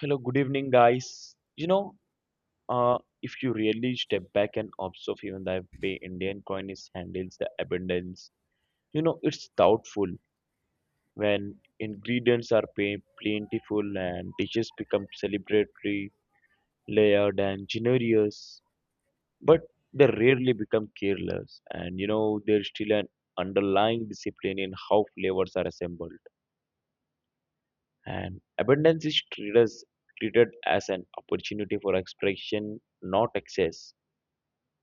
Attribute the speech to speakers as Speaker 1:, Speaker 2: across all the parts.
Speaker 1: Hello, good evening, guys. You know, uh, if you really step back and observe even the way Indian coin is handles the abundance, you know, it's doubtful when ingredients are plentiful and dishes become celebratory, layered and generous, but they rarely become careless. And you know, there's still an underlying discipline in how flavors are assembled. And abundance is treated as an opportunity for expression, not excess,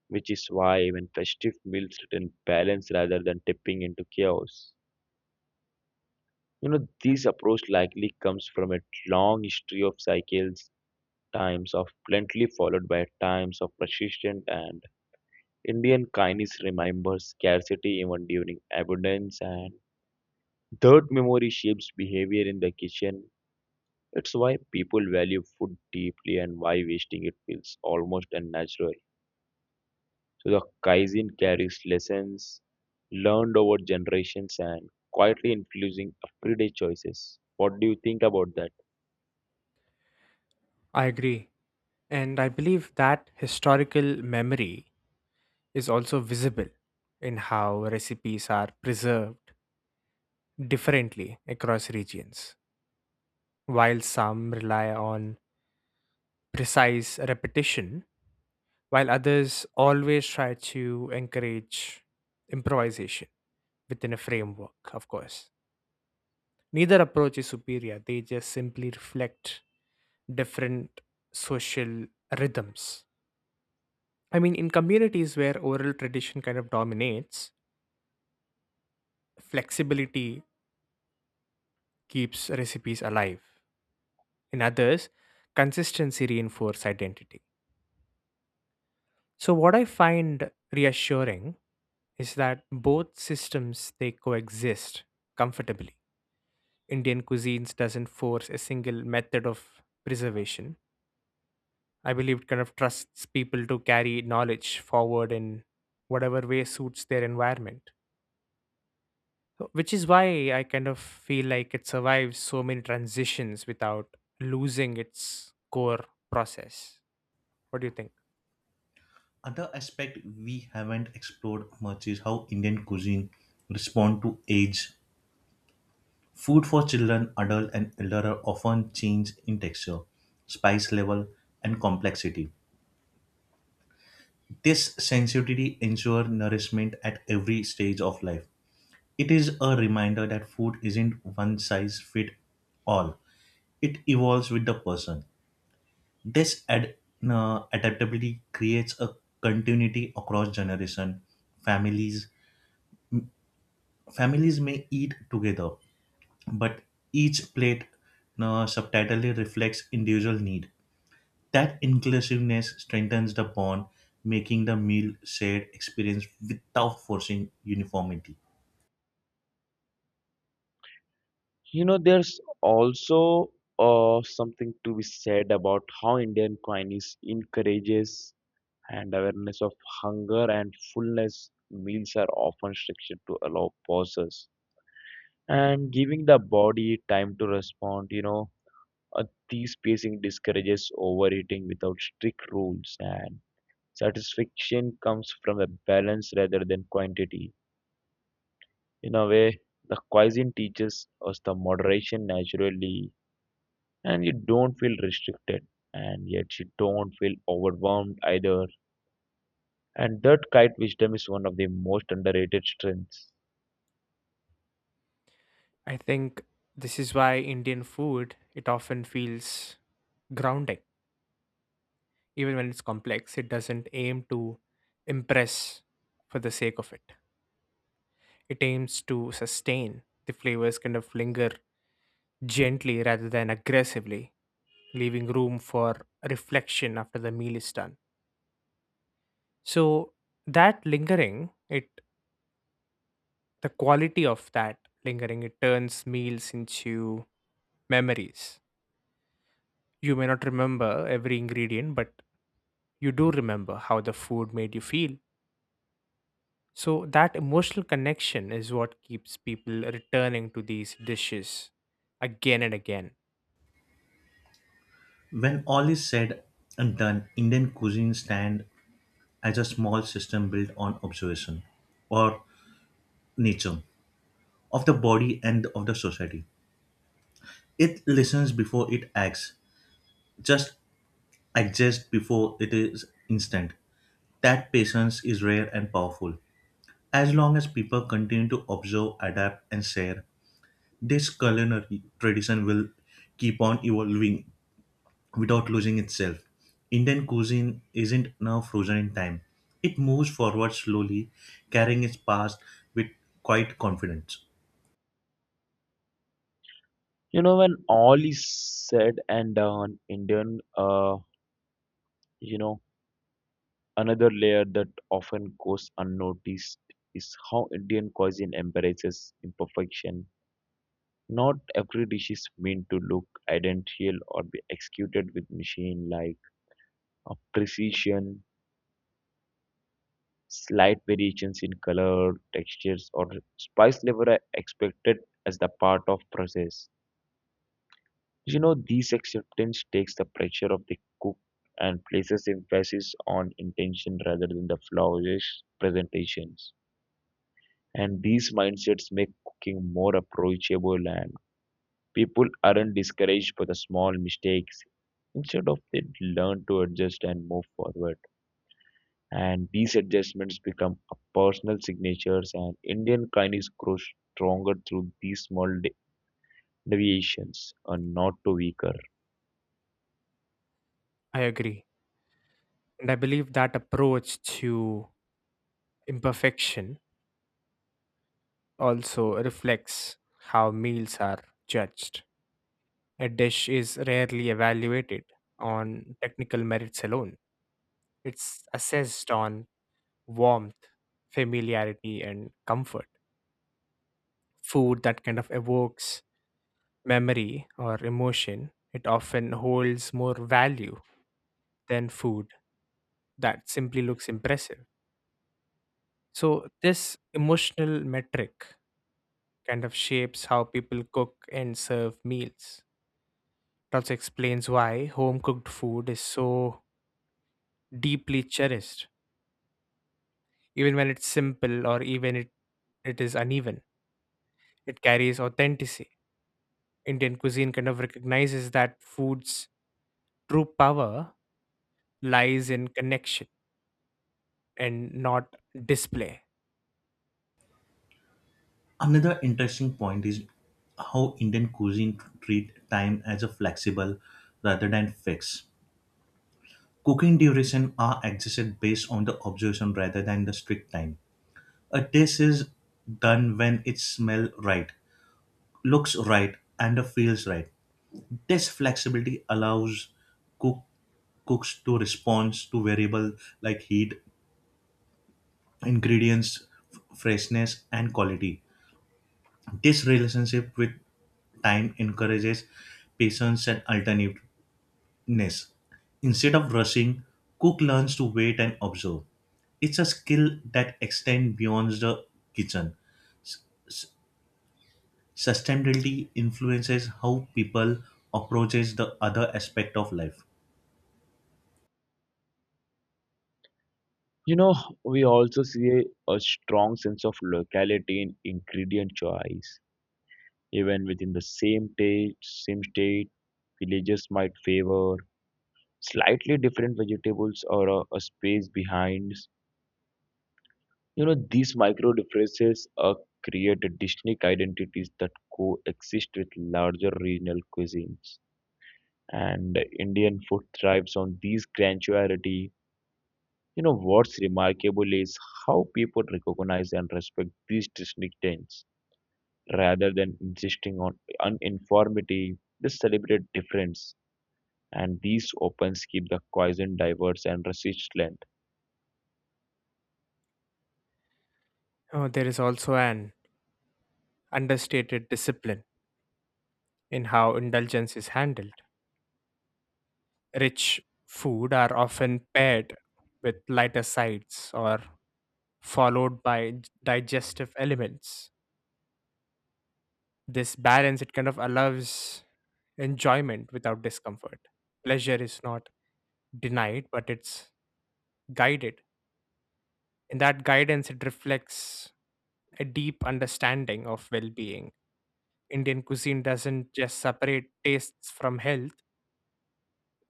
Speaker 1: which is why even festive meals return balance rather than tipping into chaos. You know, this approach likely comes from a long history of cycles, times of plenty followed by times of persistent and Indian kindness remembers scarcity even during abundance and third memory shapes behavior in the kitchen. It's why people value food deeply and why wasting it feels almost unnatural. So the Kaizen carries lessons learned over generations and quietly influencing everyday choices. What do you think about that?
Speaker 2: I agree. And I believe that historical memory is also visible in how recipes are preserved differently across regions. While some rely on precise repetition, while others always try to encourage improvisation within a framework, of course. Neither approach is superior, they just simply reflect different social rhythms. In communities where oral tradition kind of dominates, flexibility keeps recipes alive. In others, consistency reinforces identity. So, what I find reassuring is that both systems they coexist comfortably. Indian cuisines doesn't force a single method of preservation. I believe it kind of trusts people to carry knowledge forward in whatever way suits their environment. Which is why I kind of feel like it survives so many transitions without losing its core process. What do you think?
Speaker 3: Other aspect we haven't explored much is how Indian cuisine respond to age. Food for children, adult, and elder are often change in texture, spice level, and complexity. This sensitivity ensures nourishment at every stage of life. It is a reminder that food isn't one size fit all. It evolves with the person. This adaptability creates a continuity across generation. Families families may eat together, but each plate subtitly reflects individual need. That inclusiveness strengthens the bond, making the meal shared experience without forcing uniformity.
Speaker 1: You know, there's also something to be said about how Indian cuisine encourages and awareness of hunger and fullness. Meals are often structured to allow pauses and giving the body time to respond. Uh, these pacing discourages overeating without strict rules and satisfaction comes from a balance rather than quantity. In a way, the cuisine teaches us the moderation naturally, and you don't feel restricted, and yet you don't feel overwhelmed either. And that kite wisdom is one of the most underrated strengths.
Speaker 2: I think this is why Indian food it often feels grounding. Even when it's complex, it doesn't aim to impress for the sake of it. It aims to sustain. The flavors kind of linger gently rather than aggressively, leaving room for reflection after the meal is done. So that lingering, it the quality of that lingering, it turns meals into memories. You may not remember every ingredient, but you do remember how the food made you feel. So that emotional connection is what keeps people returning to these dishes again and again.
Speaker 3: When all is said and done, Indian cuisine stands as a small system built on observation or nature of the body and of the society. It listens before it acts, just exists before it is instant. That patience is rare and powerful. As long as people continue to observe, adapt, and share, this culinary tradition will keep on evolving without losing itself. Indian cuisine isn't now frozen in time, it moves forward slowly, carrying its past with quiet confidence.
Speaker 1: When all is said and done, you know, another layer that often goes unnoticed is how Indian cuisine embraces imperfection. Not every dish is meant to look identical or be executed with machine like a precision. Slight variations in color, textures, or spice level are expected as the part of process. You know, this acceptance takes the pressure of the cook and places emphasis on intention rather than the flawless presentations. And these mindsets make cooking more approachable and people aren't discouraged for the small mistakes. Instead of they learn to adjust and move forward. And these adjustments become a personal signatures and Indian kindness grows stronger through these small deviations and not to weaker.
Speaker 2: I agree. And I believe that approach to imperfection also reflects how meals are judged. A dish is rarely evaluated on technical merits alone, it's assessed on warmth, familiarity, and comfort. Food that kind of evokes memory or emotion, it often holds more value than food that simply looks impressive. So, this emotional metric kind of shapes how people cook and serve meals. It also explains why home cooked food is so deeply cherished, even when it's simple or even it is uneven. It carries authenticity. Indian cuisine kind of recognizes that food's true power lies in connection and not display.
Speaker 3: Another interesting point is how Indian cuisine treat time as a flexible rather than fixed. Cooking duration are adjusted based on the observation rather than the strict time. A dish is done when it smells right, looks right, and feels right. This flexibility allows cook cooks to respond to variable like heat, ingredients, freshness, and quality. This relationship with time encourages patience and alternativeness. Instead of rushing, cook learns to wait and observe. It's a skill that extends beyond the kitchen. Sustainability influences how people approaches the other aspect of life.
Speaker 1: You know, we also see a strong sense of locality in ingredient choice. Even within the same state, villages might favor slightly different vegetables or a space behind. You know, these micro differences create distinct identities that coexist with larger regional cuisines. And Indian food thrives on these granularity. You know, what's remarkable is how people recognize and respect these distinctions rather than insisting on uniformity. They celebrate difference, and these opens keep the cuisine diverse and resistant.
Speaker 2: Oh, there is also an understated discipline in how indulgence is handled. Rich food are often paired with lighter sides or followed by digestive elements. This balance it kind of allows enjoyment without discomfort. Pleasure is not denied, but it's guided. In that guidance, it reflects a deep understanding of well being. Indian cuisine doesn't just separate tastes from health,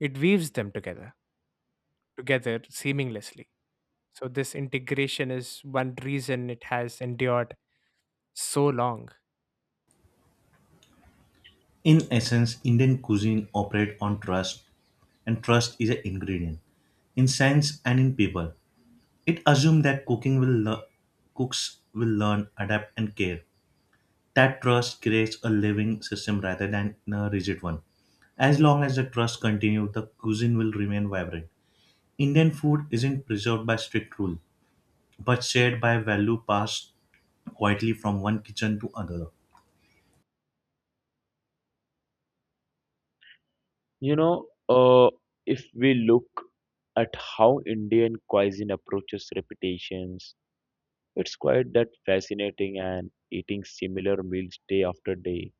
Speaker 2: it weaves them together seamlessly. So, this integration is one reason it has endured so long.
Speaker 3: In essence, Indian cuisine operates on trust, and trust is an ingredient in science and in people. It assumes that cooks will learn, adapt, and care. That trust creates a living system rather than a rigid one. As long as the trust continues, the cuisine will remain vibrant. Indian food isn't preserved by strict rule, but shared by value passed quietly from one kitchen to another.
Speaker 1: You know, uh, if we look at how Indian cuisine approaches repetitions, it's quite that fascinating and eating similar meals day after day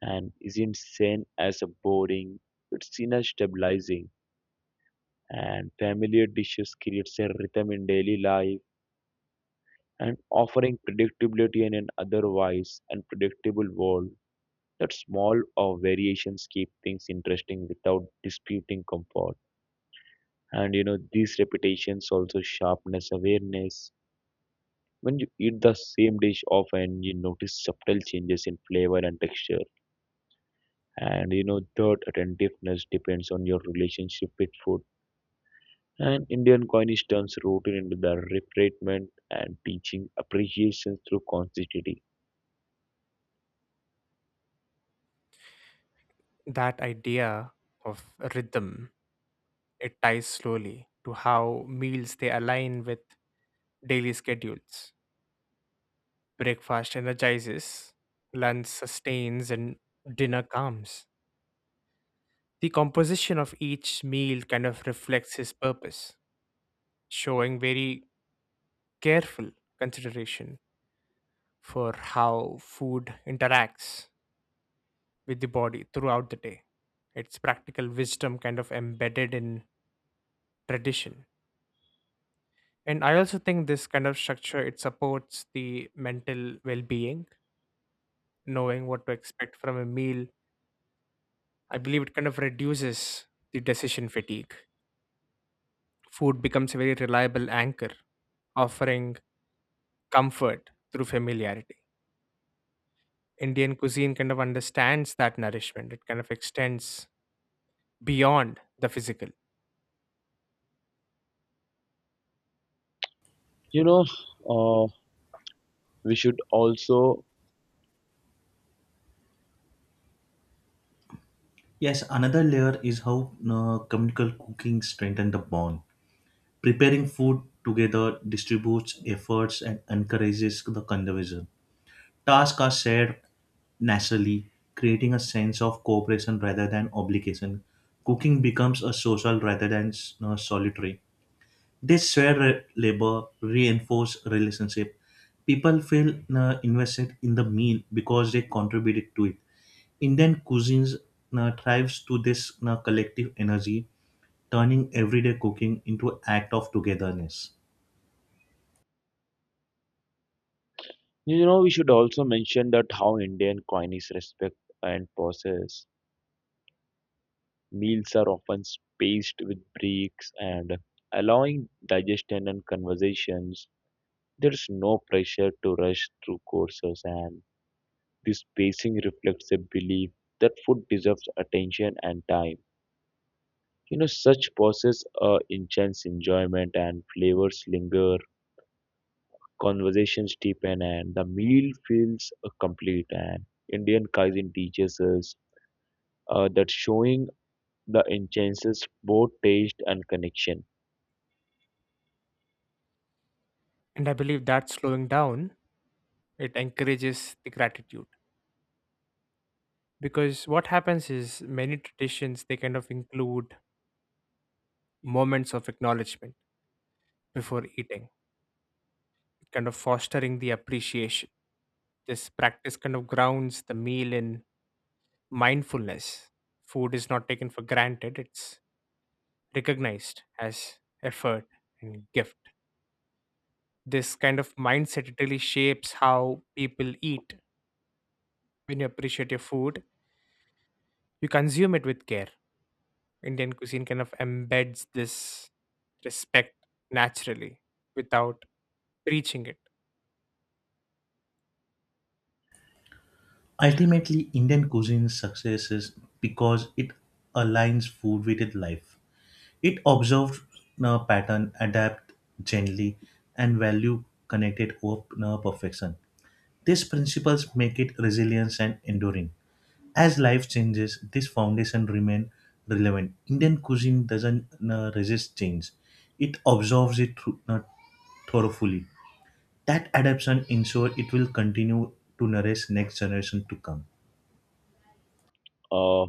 Speaker 1: and isn't seen as a boring, it's seen as stabilizing and familiar dishes creates a rhythm in daily life and offering predictability in an otherwise unpredictable world that small or variations keep things interesting without disputing comfort. And you know these repetitions also sharpness awareness. When you eat the same dish often you notice subtle changes in flavor and texture. And you know third attentiveness depends on your relationship with food and Indian cuisine turns routine into the refinement and teaching appreciation through consistency.
Speaker 2: That idea of rhythm. It ties slowly to how meals they align with daily schedules. Breakfast energizes, lunch sustains, and dinner calms. The composition of each meal kind of reflects his purpose, showing very careful consideration for how food interacts with the body throughout the day. It's practical wisdom kind of embedded in tradition. And I also think this kind of structure it supports the mental well-being knowing what to expect from a meal. I believe it kind of reduces the decision fatigue. Food becomes a very reliable anchor, offering comfort through familiarity. Indian cuisine kind of understands that nourishment, it kind of extends beyond the physical.
Speaker 1: you know uh, we should also
Speaker 3: Yes, another layer is how communal cooking strengthens the bond. Preparing food together distributes efforts and encourages the conversation. Tasks are shared naturally, creating a sense of cooperation rather than obligation. Cooking becomes a social rather than solitary. This shared labor reinforce relationship. People feel invested in the meal because they contributed to it. Indian cuisines thrives to this collective energy, turning everyday cooking into an act of togetherness.
Speaker 1: you know we should also mention that how Indian cuisine is respect and process. Meals are often spaced with breaks and allowing digestion and conversations. There's no pressure to rush through courses, and this pacing reflects a belief that food deserves attention and time. You know, such pauses are intense enjoyment and flavors linger, conversations deepen, and the meal feels complete. And Indian cuisine teaches us that showing the intenses both taste and connection.
Speaker 2: And I believe that slowing down, it encourages the gratitude. Because what happens is many traditions, they kind of include moments of acknowledgement before eating, kind of fostering the appreciation. This practice kind of grounds the meal in mindfulness. Food is not taken for granted, it's recognized as effort and gift. This kind of mindset it really shapes how people eat. When you appreciate your food, you consume it with care. Indian cuisine kind of embeds this respect naturally without preaching it.
Speaker 3: Ultimately, Indian cuisine success is because it aligns food with its life. It observed a pattern, adapt gently, and value connected over perfection. These principles make it resilient and enduring. As life changes, this foundation remain relevant. Indian cuisine doesn't resist change; it absorbs it through, thoroughly. That adaptation ensures it will continue to nourish next generation to come.
Speaker 1: Uh,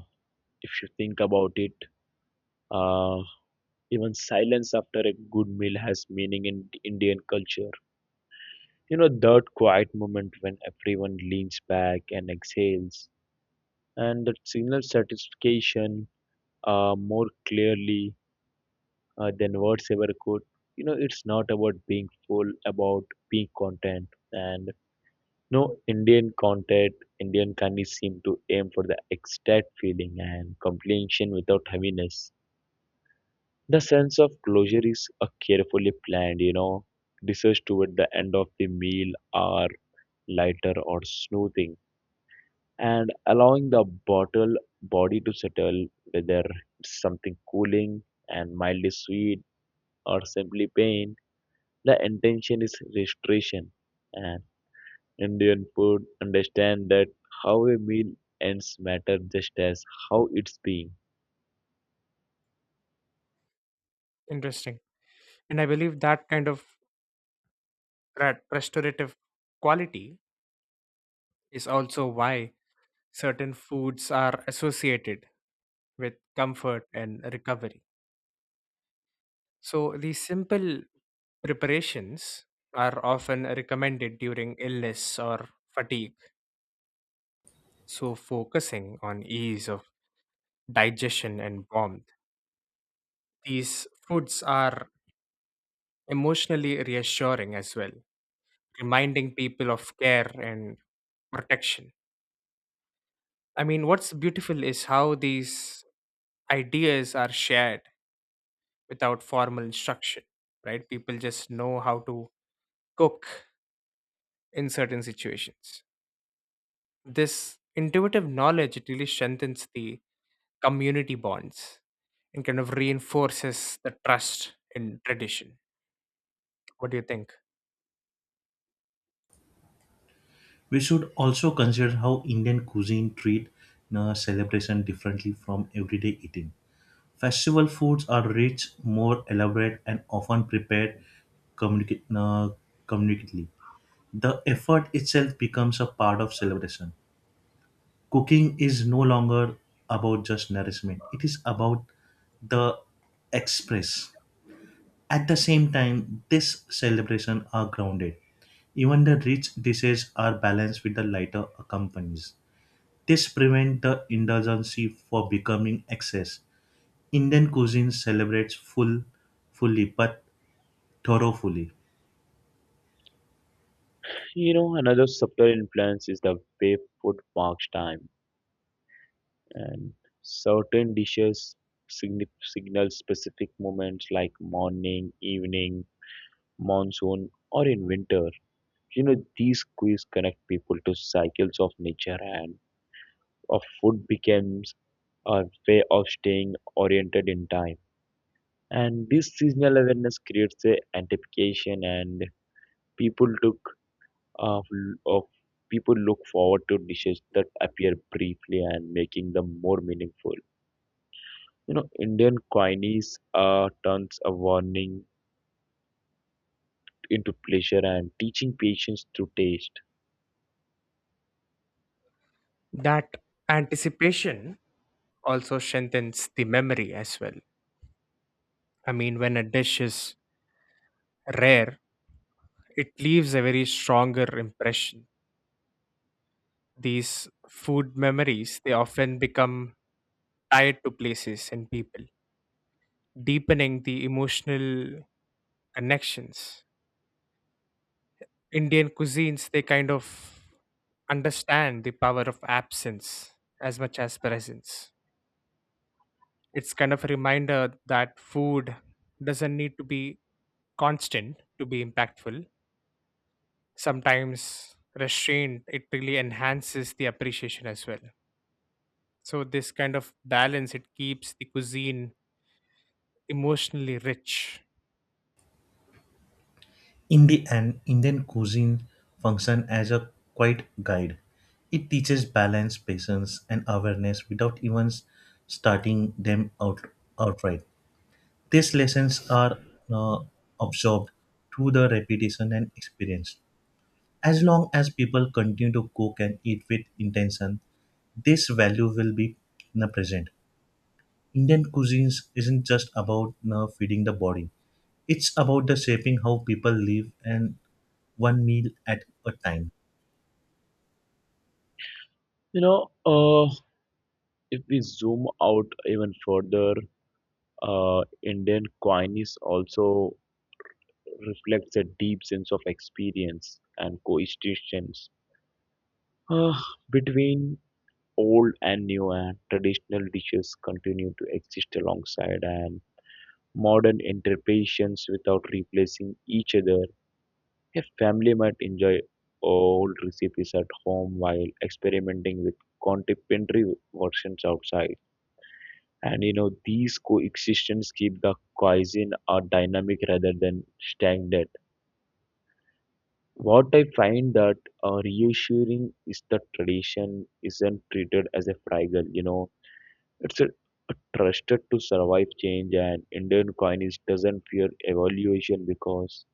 Speaker 1: if you think about it. Uh, Even silence after a good meal has meaning in Indian culture. You know, that quiet moment when everyone leans back and exhales, and that signals satisfaction more clearly than words ever could. You know, it's not about being full, about being content. And no Indian content, Indian candies seem to aim for the ecstatic feeling and completion without heaviness. The sense of closure is a carefully planned, you know, research toward the end of the meal are lighter or smoothing and allowing the bottle body to settle whether it's something cooling and mildly sweet or simply pain. The intention is restoration and Indian food understand that how a meal ends matter just as how it's being.
Speaker 2: Interesting. And I believe that kind of restorative quality is also why certain foods are associated with comfort and recovery. So, these simple preparations are often recommended during illness or fatigue. So, focusing on ease of digestion and warmth, these foods are emotionally reassuring as well, reminding people of care and protection. What's beautiful is how these ideas are shared without formal instruction, right? People just know how to cook in certain situations. This intuitive knowledge it really strengthens the community bonds and kind of reinforces the trust in tradition. What do you think?
Speaker 3: We should also consider how Indian cuisine treat celebration differently from everyday eating. Festival foods are rich, more elaborate, and often prepared communica- uh, communicatively. The effort itself becomes a part of celebration. Cooking is no longer about just nourishment, it is about the express. At the same time, this celebration are grounded. Even the rich dishes are balanced with the lighter accompanies. This prevents the indulgency for becoming excess. Indian cuisine celebrates fully but thoroughly.
Speaker 1: You know, another subtle influence is the way food marks time and certain dishes signal specific moments like morning, evening, monsoon, or in winter. You know, these quiz connect people to cycles of nature and of food becomes a way of staying oriented in time. And this seasonal awareness creates a anticipation and people look of, of people look forward to dishes that appear briefly and making them more meaningful. You know, Indian cuisines turns a warning into pleasure and teaching patience through taste.
Speaker 2: That anticipation also strengthens the memory as well. When a dish is rare it leaves a very stronger impression. These food memories they often become tied to places and people, deepening the emotional connections. Indian cuisines, they kind of understand the power of absence as much as presence. It's kind of a reminder that food doesn't need to be constant to be impactful. Sometimes restraint, it really enhances the appreciation as well. So, this kind of balance, it keeps the cuisine emotionally rich.
Speaker 3: In the end, Indian cuisine functions as a quiet guide. It teaches balance, patience, and awareness without even starting them out outright. These lessons are uh, absorbed through the repetition and experience. As long as people continue to cook and eat with intention, this value will be in the present. Indian cuisines isn't just about, you know, feeding the body. It's about the shaping how people live and one meal at a time.
Speaker 1: You know, uh, if we zoom out even further, Indian cuisines also reflects a deep sense of experience and coexistence uh, between old and new and traditional dishes continue to exist alongside and modern interpretations without replacing each other. A family might enjoy old recipes at home while experimenting with contemporary versions outside. And you know, these coexistence keep the cuisine a dynamic rather than stagnant. What I find that reassuring is the tradition isn't treated as a fragile, you know, it's a trusted to survive change, and Indian cuisine doesn't fear evaluation because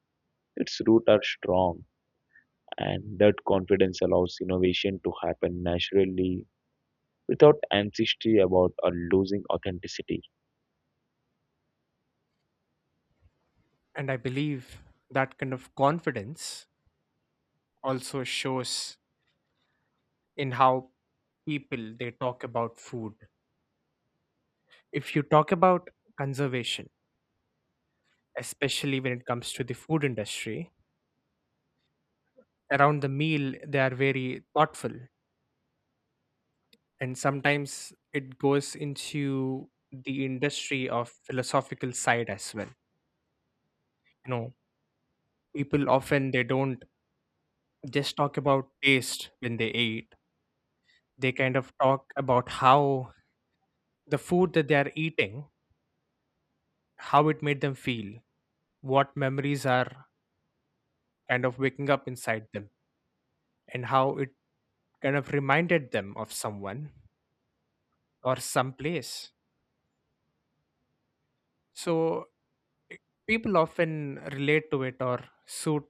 Speaker 1: its roots are strong. And that confidence allows innovation to happen naturally without anxiety about losing authenticity.
Speaker 2: And I believe that kind of confidence also shows in how people they talk about food. If you talk about conservation, especially when it comes to the food industry, around the meal, they are very thoughtful. And sometimes it goes into the industry of philosophical side as well. You know, people often they don't just talk about taste when they eat. They kind of talk about how the food that they are eating, how it made them feel, what memories are kind of waking up inside them, and how it kind of reminded them of someone or someplace. So i- people often relate to it or suit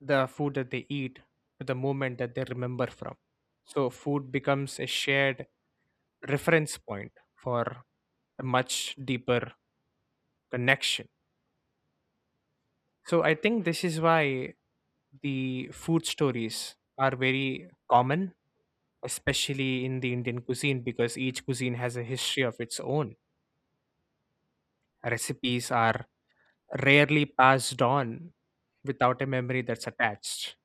Speaker 2: the food that they eat to the moment that they remember from. So food becomes a shared reference point for a much deeper connection. So I think this is why the food stories are very common, especially in the Indian cuisine, because each cuisine has a history of its own. Recipes are rarely passed on without a memory that's attached.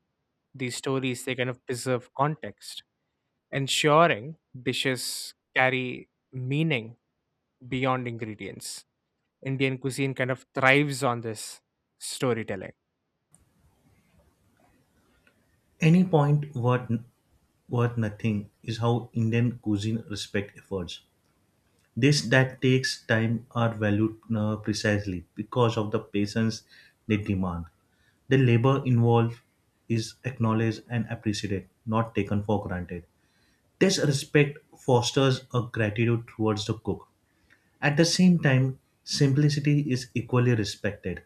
Speaker 2: These stories, they kind of preserve context, ensuring dishes carry meaning beyond ingredients. Indian cuisine kind of thrives on this storytelling.
Speaker 3: Any point worth nothing is how Indian cuisine respect efforts. This that takes time are valued precisely because of the patience they demand. The labor involved is acknowledged and appreciated, not taken for granted. This respect fosters a gratitude towards the cook. At the same time, simplicity is equally respected.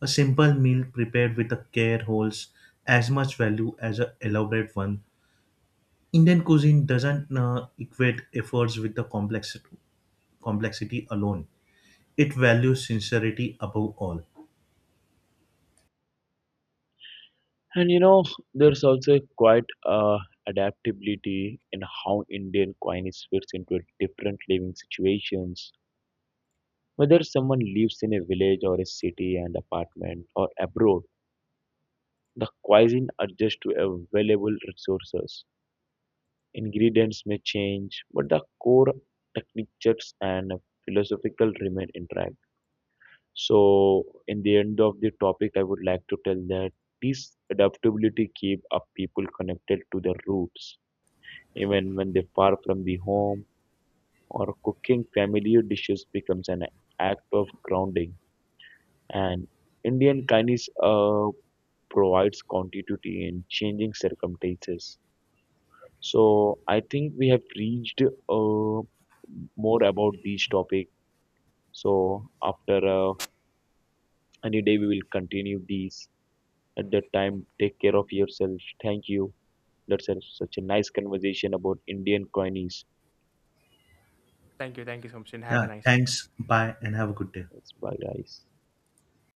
Speaker 3: A simple meal prepared with a care holds as much value as an elaborate one. Indian cuisine doesn't equate efforts with complexity alone. It values sincerity above all.
Speaker 1: And you know, there's also quite adaptability in how Indian cuisine fits into different living situations. Whether someone lives in a village or a city and apartment or abroad, the cuisine adjusts to available resources. Ingredients may change, but the core techniques and philosophical remain intact. So, in the end of the topic, I would like to tell that this adaptability keep up people connected to their roots, even when they far from the home or cooking familiar dishes becomes an act of grounding. And Indian kindness provides continuity in changing circumstances. So, I think we have reached more about this topic. So, after any day, we will continue these. At that time take care of yourself. Thank you. That's such a nice conversation about Indian coins.
Speaker 2: Thank you. Thank you so much. And have a
Speaker 3: Yeah,
Speaker 2: nice day.
Speaker 3: thanks. Bye and have a good day.
Speaker 1: That's bye, guys.